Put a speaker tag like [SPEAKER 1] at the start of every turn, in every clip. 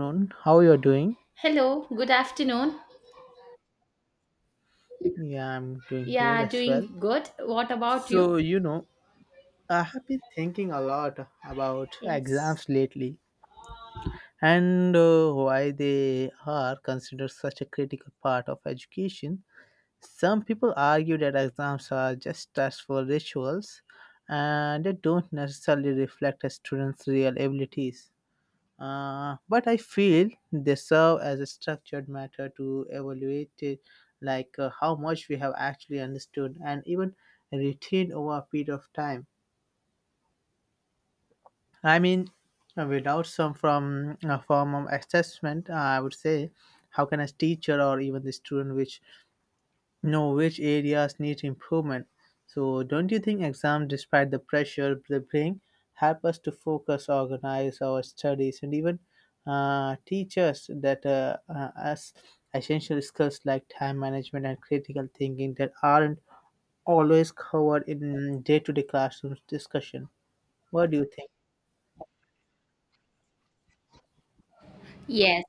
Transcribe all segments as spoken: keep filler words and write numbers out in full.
[SPEAKER 1] Afternoon. How you're doing?
[SPEAKER 2] Hello, good afternoon.
[SPEAKER 1] Yeah, I'm doing good
[SPEAKER 2] Yeah,
[SPEAKER 1] as well.
[SPEAKER 2] doing good. What about you?
[SPEAKER 1] So, you know, I have been thinking a lot about
[SPEAKER 2] Yes.
[SPEAKER 1] exams lately and uh, why they are considered such a critical part of education. Some people argue that exams are just tests for rituals and they don't necessarily reflect a student's real abilities. Uh, but I feel they serve as a structured matter to evaluate it, like uh, how much we have actually understood and even retained over a period of time. I mean, uh, without some from a form of assessment, I would say, how can a teacher or even the student which know which areas need improvement. So, don't you think exams, despite the pressure they bring, help us to focus, organize our studies, and even uh, teach us that uh, uh, us essential skills like time management and critical thinking that aren't always covered in day-to-day classroom discussion? What do you think?
[SPEAKER 2] Yes,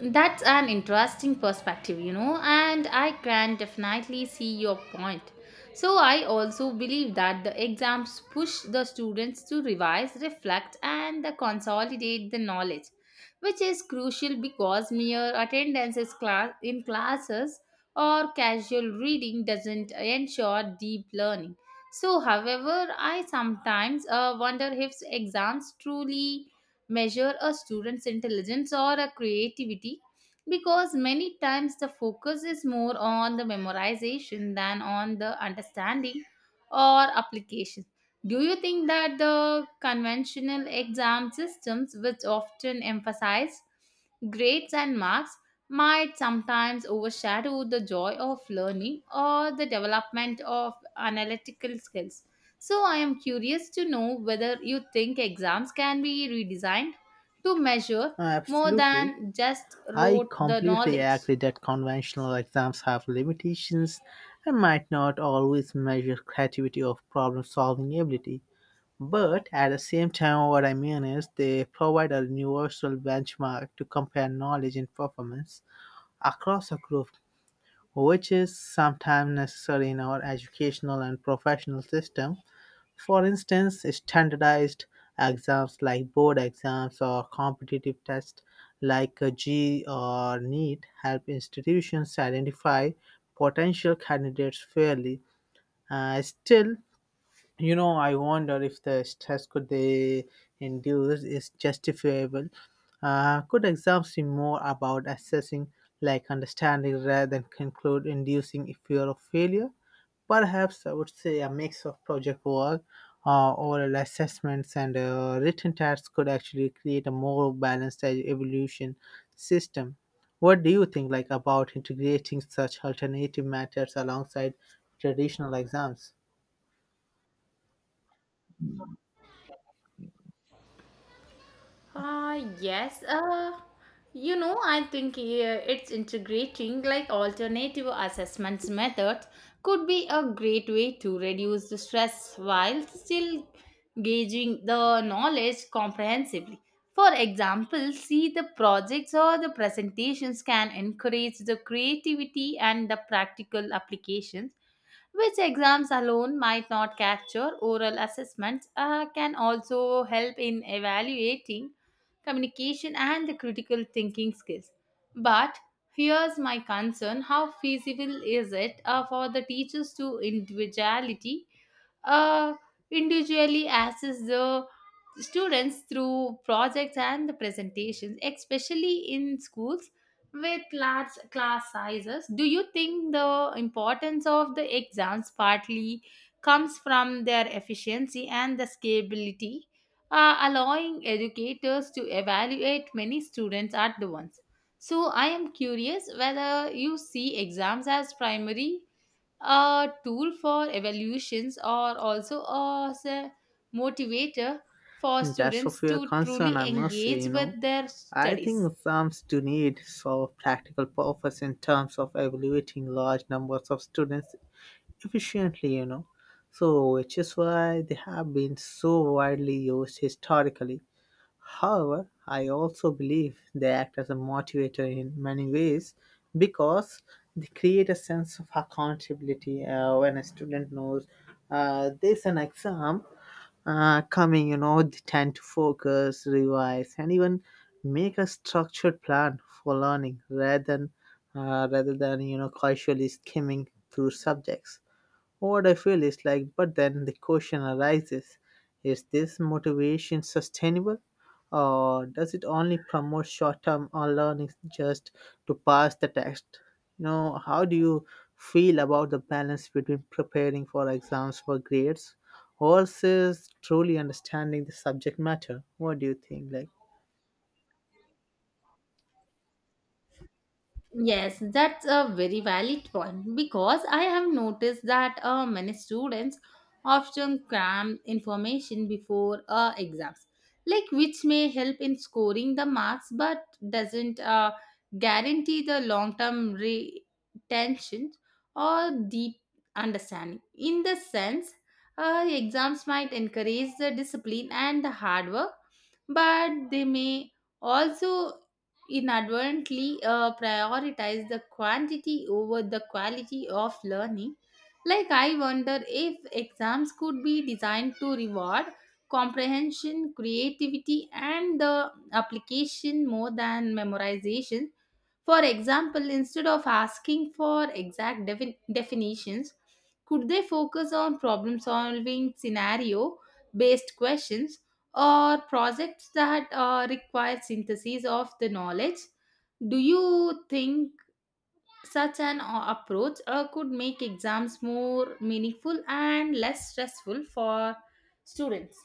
[SPEAKER 2] that's an interesting perspective, you know, and I can definitely see your point. So, I also believe that the exams push the students to revise, reflect, and consolidate the knowledge, which is crucial because mere attendance is class- in classes or casual reading doesn't ensure deep learning. So, however, I sometimes uh, wonder if exams truly measure a student's intelligence or a creativity because many times the focus is more on the memorization than on the understanding or application. Do you think that the conventional exam systems, which often emphasize grades and marks, might sometimes overshadow the joy of learning or the development of analytical skills? So, I am curious to know whether you think exams can be redesigned to measure
[SPEAKER 1] Uh,
[SPEAKER 2] more
[SPEAKER 1] absolutely.
[SPEAKER 2] than just
[SPEAKER 1] I
[SPEAKER 2] rote the
[SPEAKER 1] completely
[SPEAKER 2] knowledge.
[SPEAKER 1] agree that conventional exams have limitations and might not always measure creativity or problem solving ability. But at the same time, what I mean is they provide a universal benchmark to compare knowledge and performance across a group, which is sometimes necessary in our educational and professional system. For instance, standardized exams like board exams or competitive tests like uh, G or NEET help institutions identify potential candidates fairly. Uh, still, you know, I wonder if the stress could they induce is justifiable. Uh, could exams be more about assessing, like understanding, rather than conclude inducing a fear of failure? Perhaps I would say a mix of project work, uh, oral assessments, and uh, written tasks could actually create a more balanced e- evolution system. What do you think, like about integrating such alternative methods alongside traditional exams?
[SPEAKER 2] Uh, yes. Uh, you know, I think uh, it's integrating like alternative assessments methods could be a great way to reduce the stress while still gauging the knowledge comprehensively. For example, see the projects or the presentations can encourage the creativity and the practical applications which exams alone might not capture oral assessments uh, can also help in evaluating communication, and the critical thinking skills. But here's my concern, how feasible is it uh, for the teachers to individuality? uh, Individually assess the students through projects and the presentations, especially in schools with large class sizes. Do you think the importance of the exams partly comes from their efficiency and the scalability, uh, allowing educators to evaluate many students at the once? So, I am curious whether you see exams as primary a tool for evaluations are also as a motivator for
[SPEAKER 1] That's
[SPEAKER 2] students
[SPEAKER 1] of your
[SPEAKER 2] to
[SPEAKER 1] concern,
[SPEAKER 2] truly
[SPEAKER 1] I must say,
[SPEAKER 2] engage
[SPEAKER 1] you know.
[SPEAKER 2] with their
[SPEAKER 1] I think
[SPEAKER 2] studies.
[SPEAKER 1] exams do need for practical purpose in terms of evaluating large numbers of students efficiently, you know. So which is why they have been so widely used historically. However, I also believe they act as a motivator in many ways because they create a sense of accountability uh, when a student knows uh, there's an exam uh, coming, you know, they tend to focus, revise, and even make a structured plan for learning rather than uh, rather than you know casually skimming through subjects. What I feel is like, but then the question arises is this motivation sustainable? Or does it only promote short term or learning just to pass the test? You know, how do you feel about the balance between preparing for exams for grades versus truly understanding the subject matter? What do you think? Like,
[SPEAKER 2] Yes, that's a very valid point because I have noticed that uh, many students often cram information before uh, exams, like which may help in scoring the marks but doesn't uh, guarantee the long term retention or deep understanding. In the sense, uh, exams might encourage the discipline and the hard work, but they may also inadvertently uh, prioritize the quantity over the quality of learning. Like, I wonder if exams could be designed to reward comprehension, creativity, and the application more than memorization. For example, instead of asking for exact defin- definitions, could they focus on problem solving scenario based questions or projects that uh, require synthesis of the knowledge. Do you think such an uh, approach uh, could make exams more meaningful and less stressful for students?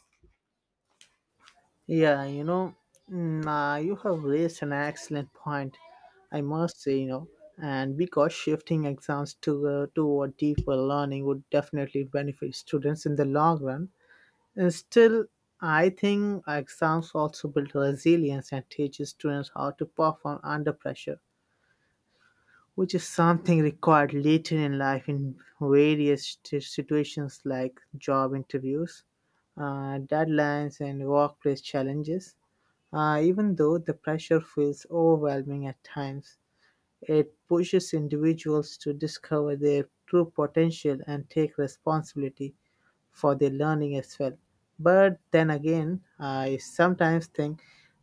[SPEAKER 1] yeah, you know, mm, uh, you have raised an excellent point, I must say, you know, and because shifting exams to uh, toward deeper learning would definitely benefit students in the long run. And still, I think exams also build resilience and teaches students how to perform under pressure which is something required later in life in various t- situations like job interviews, uh, deadlines, and workplace challenges. Uh, even though the pressure feels overwhelming at times, it pushes individuals to discover their true potential and take responsibility for their learning as well. But then again, I sometimes think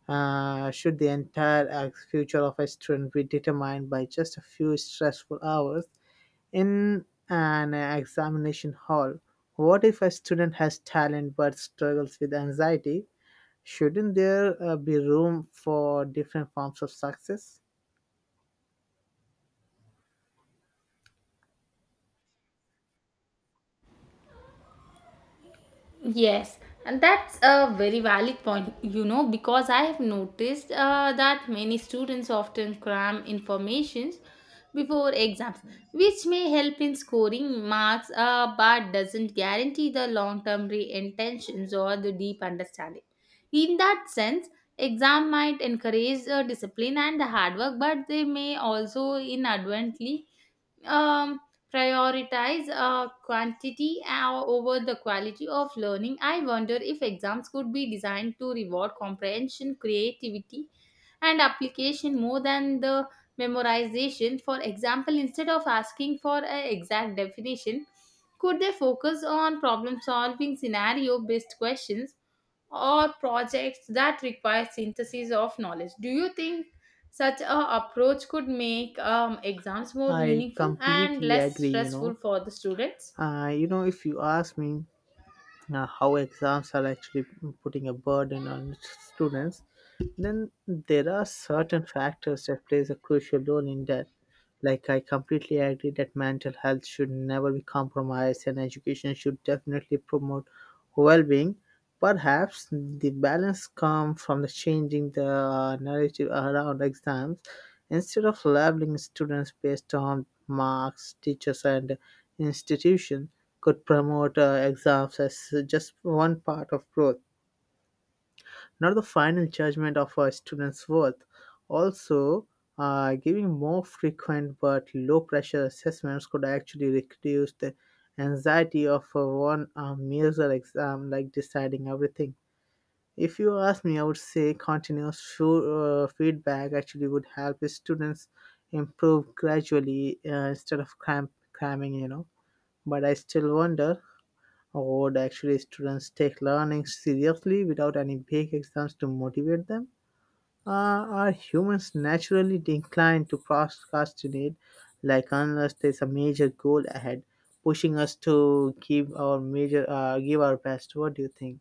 [SPEAKER 1] uh, should the entire uh, future of a student be determined by just a few stressful hours in an examination hall? What if a student has talent but struggles with anxiety? Shouldn't there uh, be room for different forms of success?
[SPEAKER 2] Yes, and that's a very valid point, you know, because I have noticed uh, that many students often cram information before exams, which may help in scoring marks uh, but doesn't guarantee the long term re intentions or the deep understanding. In that sense, exam might encourage uh, discipline and hard work, but they may also inadvertently um, prioritize uh, quantity uh, over the quality of learning. I wonder if exams could be designed to reward comprehension, creativity, and application more than the memorization. For example, instead of asking for an exact definition, could they focus on problem solving, scenario based questions? Or projects that require synthesis of knowledge. Do you think such a approach could make um, exams more
[SPEAKER 1] I
[SPEAKER 2] meaningful and
[SPEAKER 1] completely
[SPEAKER 2] less
[SPEAKER 1] agree, you
[SPEAKER 2] stressful
[SPEAKER 1] know.
[SPEAKER 2] for the students?
[SPEAKER 1] Uh, you know, if you ask me, uh, how exams are actually putting a burden on students then there are certain factors that plays a crucial role in that, like I completely agree that mental health should never be compromised and education should definitely promote well-being. Perhaps the balance comes from the changing the uh, narrative around exams. Instead of labeling students based on marks, teachers and institution could promote uh, exams as just one part of growth, not the final judgment of a student's worth. Also, uh, giving more frequent but low pressure assessments could actually reduce the anxiety of a one uh, major exam, like deciding everything. If you ask me, I would say continuous fu- uh, feedback actually would help students improve gradually uh, instead of cram- cramming, you know. But I still wonder would actually students take learning seriously without any big exams to motivate them? Uh, are humans naturally inclined to procrastinate, like unless there's a major goal ahead, pushing us to give our major, uh, give our best? What do you think?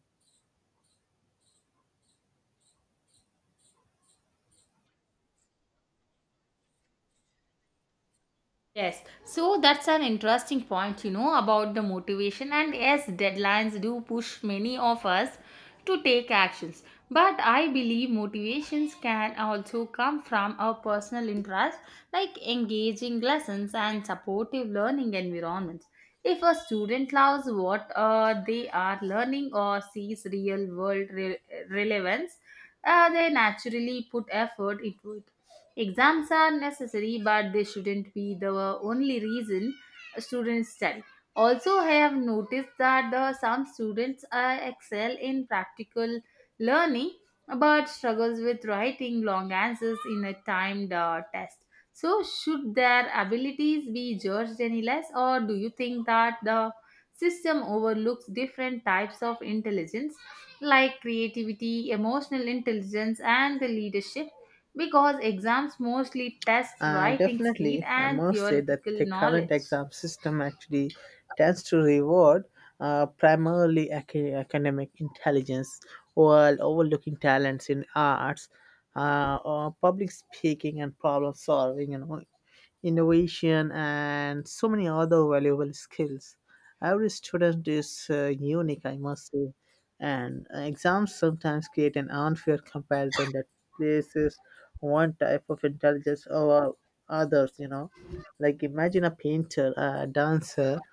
[SPEAKER 2] Yes, so that's an interesting point, you know, about the motivation. And yes, deadlines do push many of us to take actions. But I believe motivations can also come from our personal interests, like engaging lessons and supportive learning environments. If a student loves what uh, they are learning or sees real world re- relevance, uh, they naturally put effort into it. Exams are necessary, but they shouldn't be the only reason students study. Also, I have noticed that the, some students uh, excel in practical learning but struggles with writing long answers in a timed uh, test. So, should their abilities be judged any less, or do you think that the system overlooks different types of intelligence like creativity, emotional intelligence, and the leadership? Because exams mostly test
[SPEAKER 1] Uh,
[SPEAKER 2] writing speed
[SPEAKER 1] definitely, I
[SPEAKER 2] and
[SPEAKER 1] must say that
[SPEAKER 2] theoretical
[SPEAKER 1] the current
[SPEAKER 2] knowledge.
[SPEAKER 1] exam system actually tends to reward uh, primarily ac- academic intelligence while overlooking talents in arts uh, or public speaking and problem solving, you know, innovation, and so many other valuable skills. Every student is uh, unique, I must say, and exams sometimes create an unfair comparison that places one type of intelligence over others. You know, like imagine a painter, a dancer,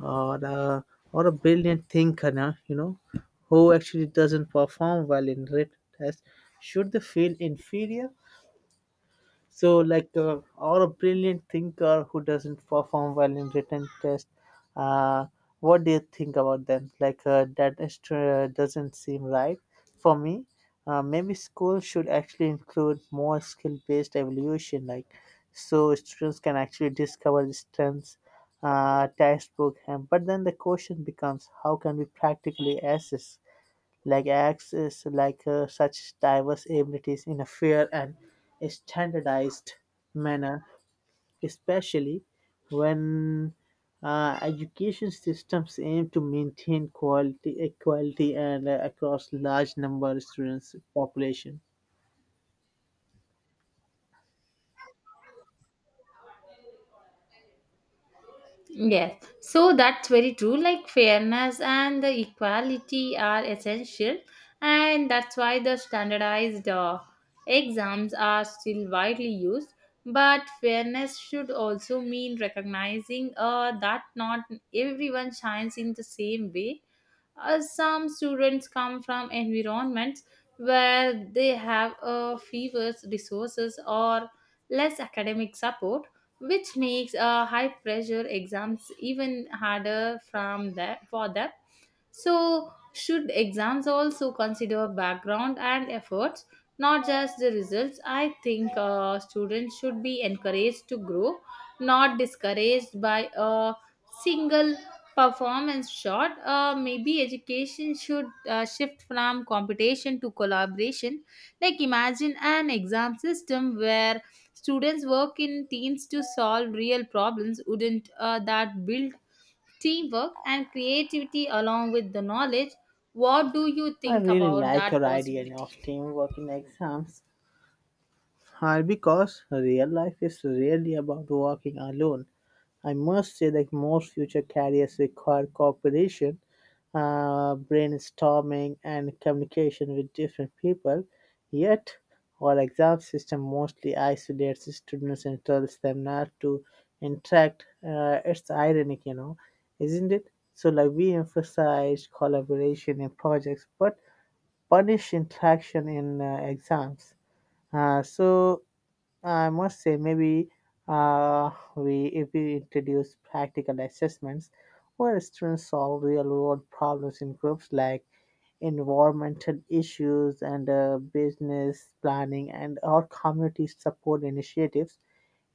[SPEAKER 1] or a, or a brilliant thinker, now you know, who actually doesn't perform well in written tests. Should they feel inferior? So, like, uh, or a brilliant thinker who doesn't perform well in written test. Uh, what do you think about them? Like, uh, that is tr- uh, doesn't seem right for me. Uh, maybe schools should actually include more skill-based evaluation, like, so students can actually discover the strengths, uh, textbook. And but then the question becomes, how can we practically assess? Like access like uh, such diverse abilities in a fair and standardized manner, especially when uh, education systems aim to maintain quality equality and uh, across large number of students population.
[SPEAKER 2] Yes, so that's very true. Like fairness and the equality are essential, and that's why the standardized uh, exams are still widely used. But fairness should also mean recognizing uh, that not everyone shines in the same way. Uh, some students come from environments where they have uh, fewer resources or less academic support which makes uh, high pressure exams even harder from that for them. So, should exams also consider background and efforts, not just the results? I think uh, students should be encouraged to grow, not discouraged by a single performance shot. Uh, maybe education should uh, shift from competition to collaboration. Like, imagine an exam system where students work in teams to solve real problems. Wouldn't uh, that build teamwork and creativity along with the knowledge? What do you
[SPEAKER 1] I
[SPEAKER 2] think
[SPEAKER 1] really
[SPEAKER 2] about
[SPEAKER 1] like
[SPEAKER 2] that
[SPEAKER 1] your idea
[SPEAKER 2] possibility?
[SPEAKER 1] of teamwork in exams. Hi, because real life is rarely about walking alone. I must say that most future careers require cooperation, uh, brainstorming, and communication with different people. Yet, our exam system mostly isolates students and tells them not to interact. Uh, it's ironic, you know, isn't it? So, like, we emphasize collaboration in projects, but punish interaction in uh, exams. Uh, so, I must say, maybe uh, we if we introduce practical assessments where students solve real-world problems in groups like environmental issues and uh, business planning and or community support initiatives,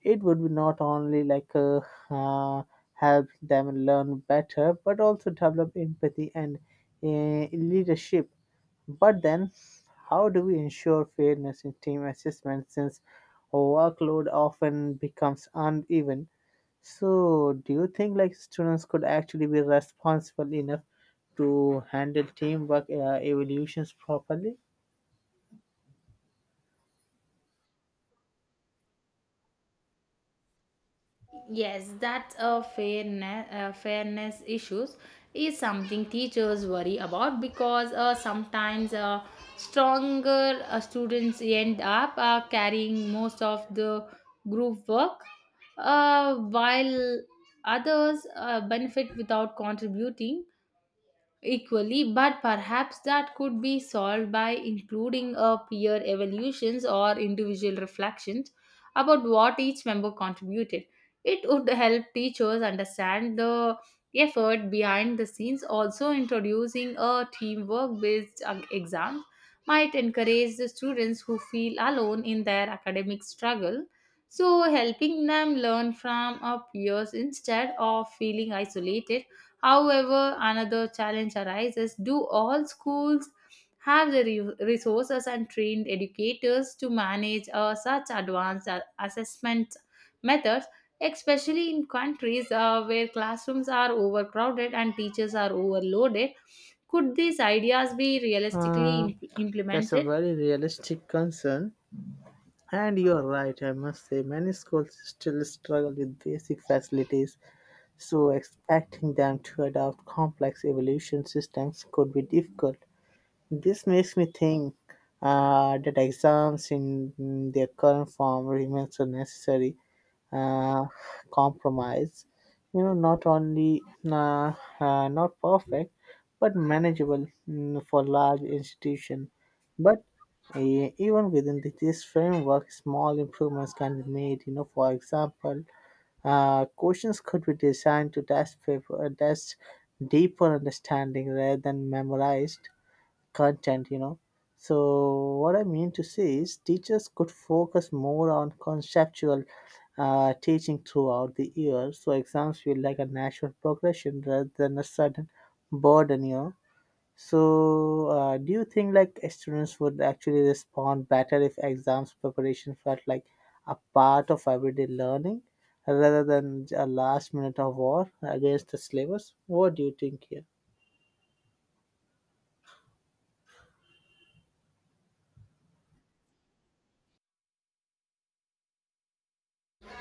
[SPEAKER 1] it would be not only like uh, uh, help them learn better, but also develop empathy and uh, leadership. But then, how do we ensure fairness in team assessment since workload often becomes uneven? So, do you think like students could actually be responsible enough to handle teamwork uh, evolutions properly?
[SPEAKER 2] Yes, that's a fairness uh, fairness issues is something teachers worry about because uh, sometimes uh, stronger uh, students end up uh, carrying most of the group work uh, while others uh, benefit without contributing equally. But perhaps that could be solved by including a peer evaluations or individual reflections about what each member contributed. It would help teachers understand the effort behind the scenes. Also introducing a teamwork based exam might encourage the students who feel alone in their academic struggle, so helping them learn from our peers instead of feeling isolated. However, another challenge arises, do all schools have the re- resources and trained educators to manage uh, such advanced a- assessment methods, especially in countries uh, where classrooms are overcrowded and teachers are overloaded? Could these ideas be realistically
[SPEAKER 1] Uh,
[SPEAKER 2] im-
[SPEAKER 1] that's a
[SPEAKER 2] implemented?
[SPEAKER 1] very realistic concern. And you're right, I must say, many schools still struggle with basic facilities, so expecting them to adopt complex evaluation systems could be difficult. This makes me think uh, that exams in in their current form remains a necessary uh, compromise. You know, not only uh, uh, not perfect, but manageable mm, for large institution. But uh, even within the, this framework, small improvements can be made. You know, for example, uh, questions could be designed to test paper, uh, test deeper understanding rather than memorized content, you know. So what I mean to say is teachers could focus more on conceptual uh, teaching throughout the year so exams feel like a natural progression rather than a sudden burden, you know. So uh, do you think like students would actually respond better if exams preparation felt like a part of everyday learning rather than a last minute of war against the syllabus? What do you think here?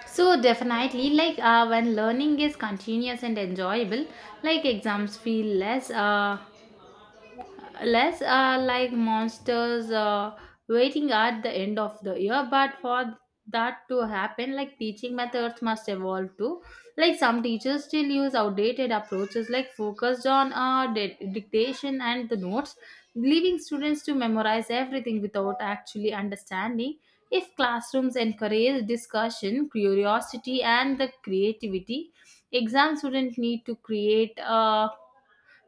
[SPEAKER 2] So definitely, like uh, when learning is continuous and enjoyable, like exams feel less uh, less are like monsters uh, waiting at the end of the year. But for that to happen, like teaching methods must evolve too. Like some teachers still use outdated approaches like focused on uh, di- dictation and the notes, leaving students to memorize everything without actually understanding. If classrooms encourage discussion curiosity and the creativity, exam students need to create uh,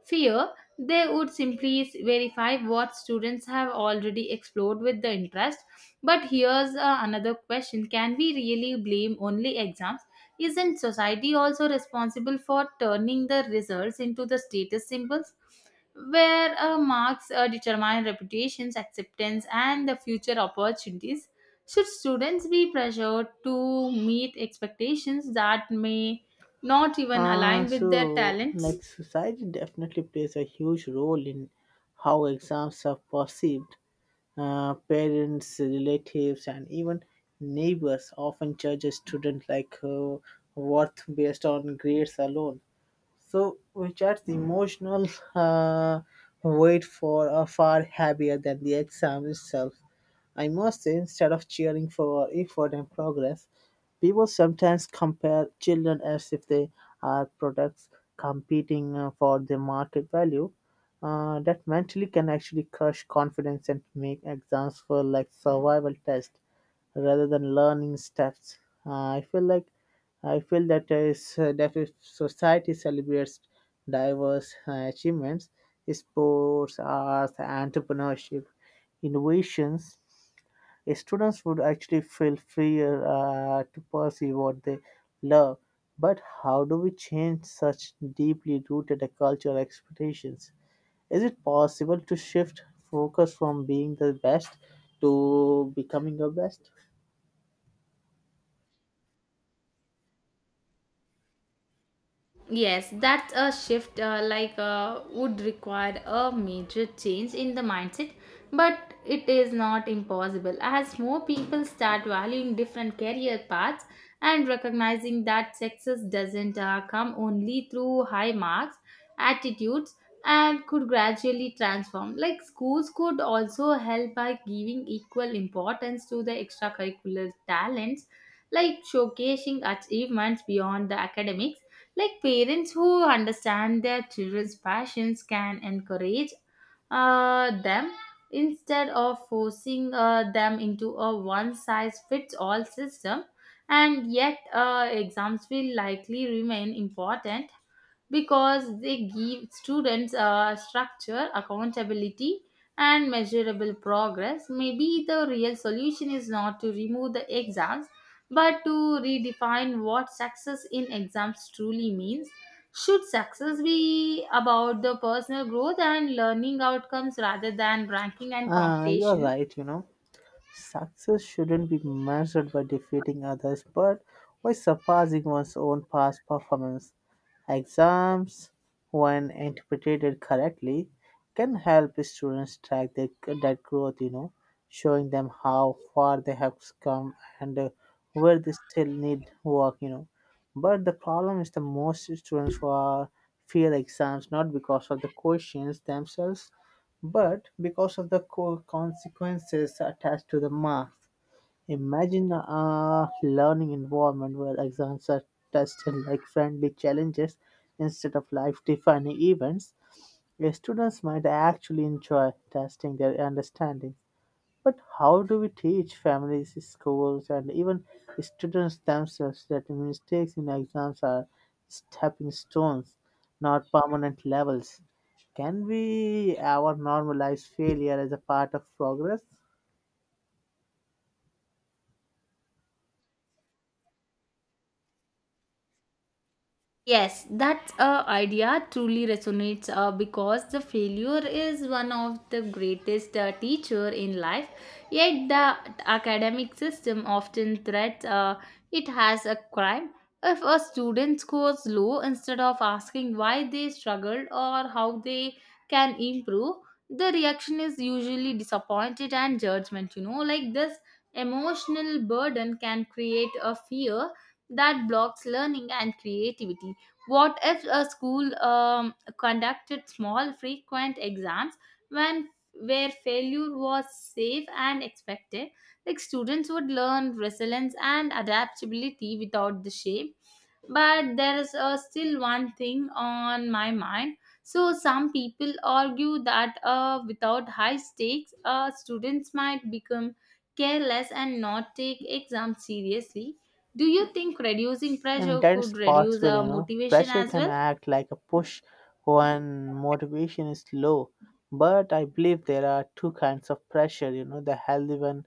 [SPEAKER 2] fear, they would simply verify what students have already explored with the interest. But here's uh, another question. Can we really blame only exams? Isn't society also responsible for turning the results into the status symbols? Where uh, marks uh, determine reputations, acceptance, and the future opportunities, should students be pressured to meet expectations that may not even
[SPEAKER 1] Uh,
[SPEAKER 2] align with their
[SPEAKER 1] so,
[SPEAKER 2] talents?
[SPEAKER 1] like, society definitely plays a huge role in how exams are perceived. Uh, parents, relatives, and even neighbors often judge a student like uh, worth based on grades alone. So, which adds the emotional uh, weight for a far heavier than the exam itself. I must say, instead of cheering for effort and progress, people sometimes compare children as if they are products competing uh, for the market value. Uh, that mentally can actually crush confidence and make exams feel like survival tests rather than learning steps. Uh, I feel like I feel that is uh, that if society celebrates diverse uh, achievements, sports, arts, entrepreneurship, innovations, students would actually feel freer uh, to pursue what they love. But how do we change such deeply rooted cultural expectations? Is it possible to shift focus from being the best to becoming the best?
[SPEAKER 2] Yes, that's a shift uh, like uh, would require a major change in the mindset, but it is not impossible. As more people start valuing different career paths and recognizing that success doesn't uh, come only through high marks, attitudes, and could gradually transform. Like schools could also help by giving equal importance to the extracurricular talents, like showcasing achievements beyond the academics, like parents who understand their children's passions can encourage uh, them instead of forcing uh, them into a one size fits all system. And yet, uh, exams will likely remain important because they give students uh, structure, accountability, and measurable progress. Maybe the real solution is not to remove the exams but to redefine what success in exams truly means. Should success be about the personal growth and learning outcomes rather than ranking and
[SPEAKER 1] Uh, you're
[SPEAKER 2] competition?
[SPEAKER 1] right, you know. Success shouldn't be measured by defeating others, but by surpassing one's own past performance. Exams, when interpreted correctly, can help students track their, that growth, you know, showing them how far they have come and uh, where they still need work, you know. But the problem is the most students who are fear exams not because of the questions themselves but because of the co- consequences attached to the marks. Imagine a learning environment where exams are tested like friendly challenges instead of life defining events. Students might actually enjoy testing their understanding, but how do we teach families, schools, and even students themselves that mistakes in exams are stepping stones, not permanent levels? Can we ever normalize failure as a part of progress?
[SPEAKER 2] Yes, that uh, idea truly resonates uh, because the failure is one of the greatest uh, teacher in life. Yet the academic system often threats uh, it has a crime. If a student scores low, instead of asking why they struggled or how they can improve, the reaction is usually disappointed and judgment. You know, like this emotional burden can create a fear that blocks learning and creativity. What if a school um, conducted small, frequent exams when where failure was safe and expected? Like students would learn resilience and adaptability without the shame. But there is uh, still one thing on my mind. So some people argue that uh, without high stakes uh, students might become careless and not take exams seriously. Do you think reducing
[SPEAKER 1] And
[SPEAKER 2] pressure
[SPEAKER 1] that is
[SPEAKER 2] could reduce
[SPEAKER 1] possible,
[SPEAKER 2] uh,
[SPEAKER 1] you know.
[SPEAKER 2] motivation
[SPEAKER 1] Pressure
[SPEAKER 2] as
[SPEAKER 1] can
[SPEAKER 2] well?
[SPEAKER 1] act like a push when motivation is low. But I believe there are two kinds of pressure, you know, the healthy one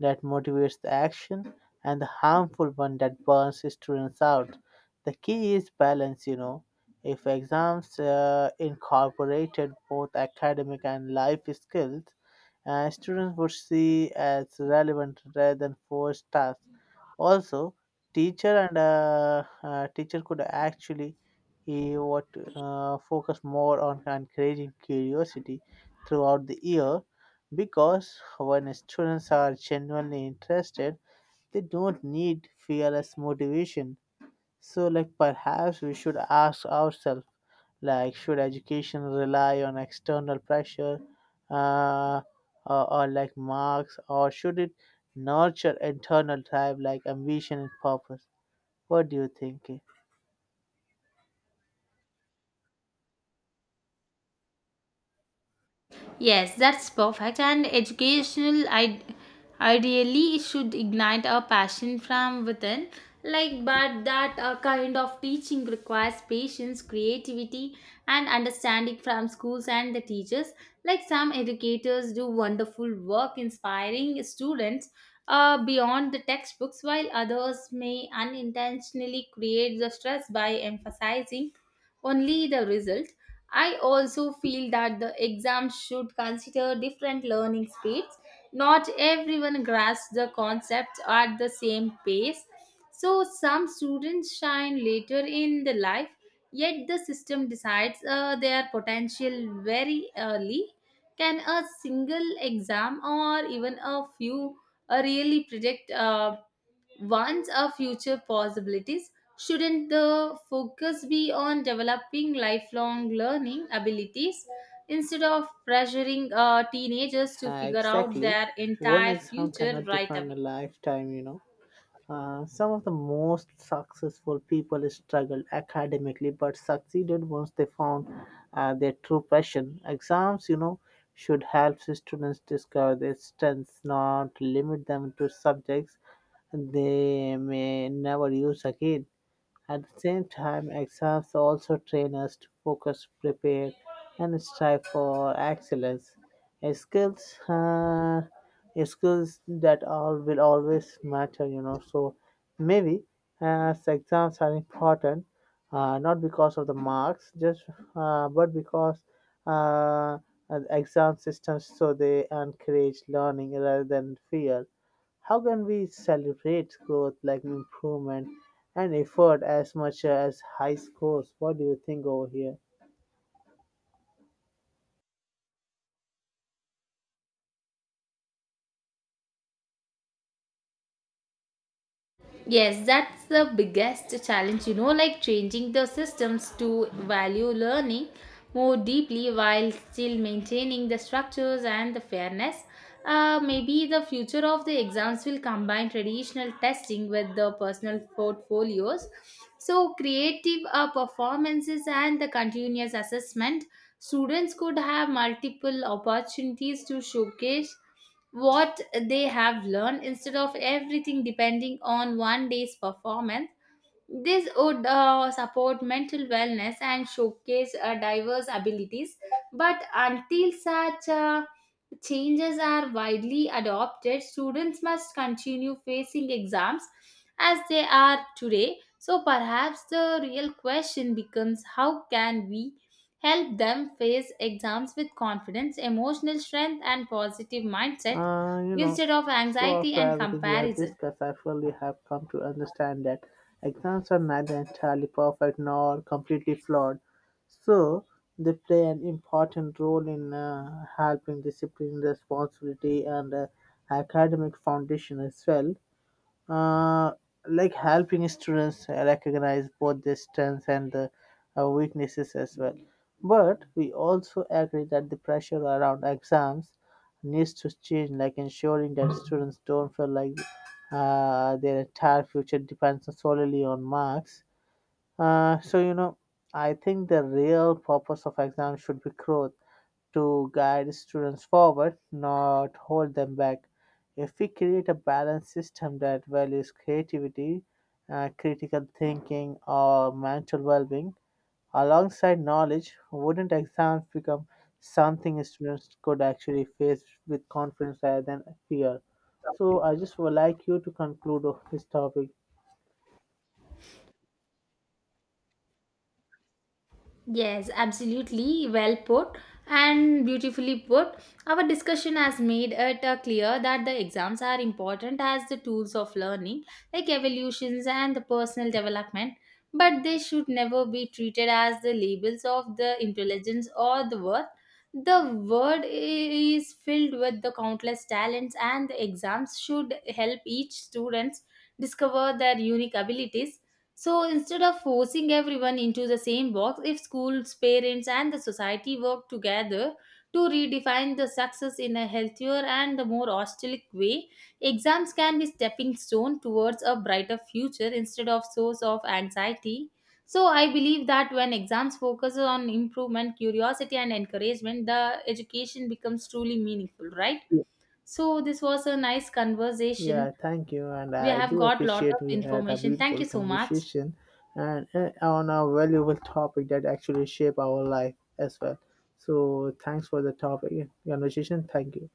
[SPEAKER 1] that motivates the action and the harmful one that burns students out. The key is balance, you know. If exams uh, incorporated both academic and life skills, uh, students would see as relevant rather than forced tasks. Also, Teacher and uh, uh, teacher could actually he what uh, focus more on encouraging curiosity throughout the year because when students are genuinely interested, they don't need fearless motivation. So like perhaps we should ask ourselves, like, should education rely on external pressure, uh, or, or like marks, or should it nurture internal drive like ambition and purpose? What do you think?
[SPEAKER 2] Yes, that's perfect. And educational, I, ideally, it should ignite a passion from within. Like, but that uh, kind of teaching requires patience, creativity, and understanding from schools and the teachers. Like, some educators do wonderful work inspiring students uh, beyond the textbooks, while others may unintentionally create the stress by emphasizing only the result. I also feel that the exams should consider different learning speeds. Not everyone grasps the concepts at the same pace. So, some students shine later in the life. Yet the system decides uh, their potential very early. Can a single exam or even a few uh, really predict uh, one's or future possibilities? Shouldn't the focus be on developing lifelong learning abilities instead of pressuring uh, teenagers to
[SPEAKER 1] Uh,
[SPEAKER 2] figure out
[SPEAKER 1] exactly.
[SPEAKER 2] their
[SPEAKER 1] One
[SPEAKER 2] entire
[SPEAKER 1] exam
[SPEAKER 2] future
[SPEAKER 1] cannot
[SPEAKER 2] right
[SPEAKER 1] define a
[SPEAKER 2] away?
[SPEAKER 1] lifetime, you know. Uh, some of the most successful people struggled academically but succeeded once they found uh, their true passion. Exams, you know, should help students discover their strengths, not limit them to subjects they may never use again. At the same time, exams also train us to focus, prepare, and strive for excellence. A skills, uh, a skills that all will always matter, you know. So maybe uh, exams are important, uh, not because of the marks, just uh, but because uh, uh, exam systems, so they encourage learning rather than fear. How can we celebrate growth like improvement and effort as much as high scores? What do you think over here?
[SPEAKER 2] Yes, that's the biggest challenge, you know, like changing the systems to value learning more deeply while still maintaining the structures and the fairness. Uh, maybe the future of the exams will combine traditional testing with the personal portfolios. So, creative uh, performances and the continuous assessment, students could have multiple opportunities to showcase what they have learned instead of everything depending on one day's performance. This would uh, support mental wellness and showcase uh, diverse abilities. But until such a changes are widely adopted, students must continue facing exams as they are today. So perhaps the real question becomes, how can we help them face exams with confidence, emotional strength, and positive mindset
[SPEAKER 1] Uh, you know,
[SPEAKER 2] instead of
[SPEAKER 1] so
[SPEAKER 2] anxiety
[SPEAKER 1] after
[SPEAKER 2] and
[SPEAKER 1] everything we have
[SPEAKER 2] comparison?
[SPEAKER 1] discussed, I fully have come to understand that exams are neither entirely perfect nor completely flawed. So they play an important role in uh, helping discipline, responsibility, and uh, academic foundation as well. uh, like helping students recognize both their strengths and the uh, weaknesses as well. But we also agree that the pressure around exams needs to change, like ensuring that students don't feel like uh, their entire future depends solely on marks. uh, so you know, I think the real purpose of exams should be growth, to guide students forward, not hold them back. If we create a balanced system that values creativity, uh, critical thinking, or mental well-being alongside knowledge, wouldn't exams become something students could actually face with confidence rather than fear? So I just would like you to conclude of this topic.
[SPEAKER 2] Yes, absolutely. Well put and beautifully put. Our discussion has made it uh, clear that the exams are important as the tools of learning, like evolutions and the personal development, but they should never be treated as the labels of the intelligence or the worth. The world i- is filled with the countless talents, and the exams should help each student discover their unique abilities. So instead of forcing everyone into the same box, if schools, parents, and the society work together to redefine the success in a healthier and a more holistic way, exams can be stepping stone towards a brighter future instead of source of anxiety. So I believe that when exams focus on improvement, curiosity, and encouragement, the education becomes truly meaningful, right? So this was a nice conversation.
[SPEAKER 1] Yeah, thank you. And
[SPEAKER 2] We
[SPEAKER 1] I
[SPEAKER 2] have
[SPEAKER 1] do
[SPEAKER 2] got lot of
[SPEAKER 1] appreciate we had a
[SPEAKER 2] information. Thank
[SPEAKER 1] beautiful
[SPEAKER 2] you so much.
[SPEAKER 1] conversation and uh, on a valuable topic that actually shape our life as well. So thanks for the topic conversation. Thank you.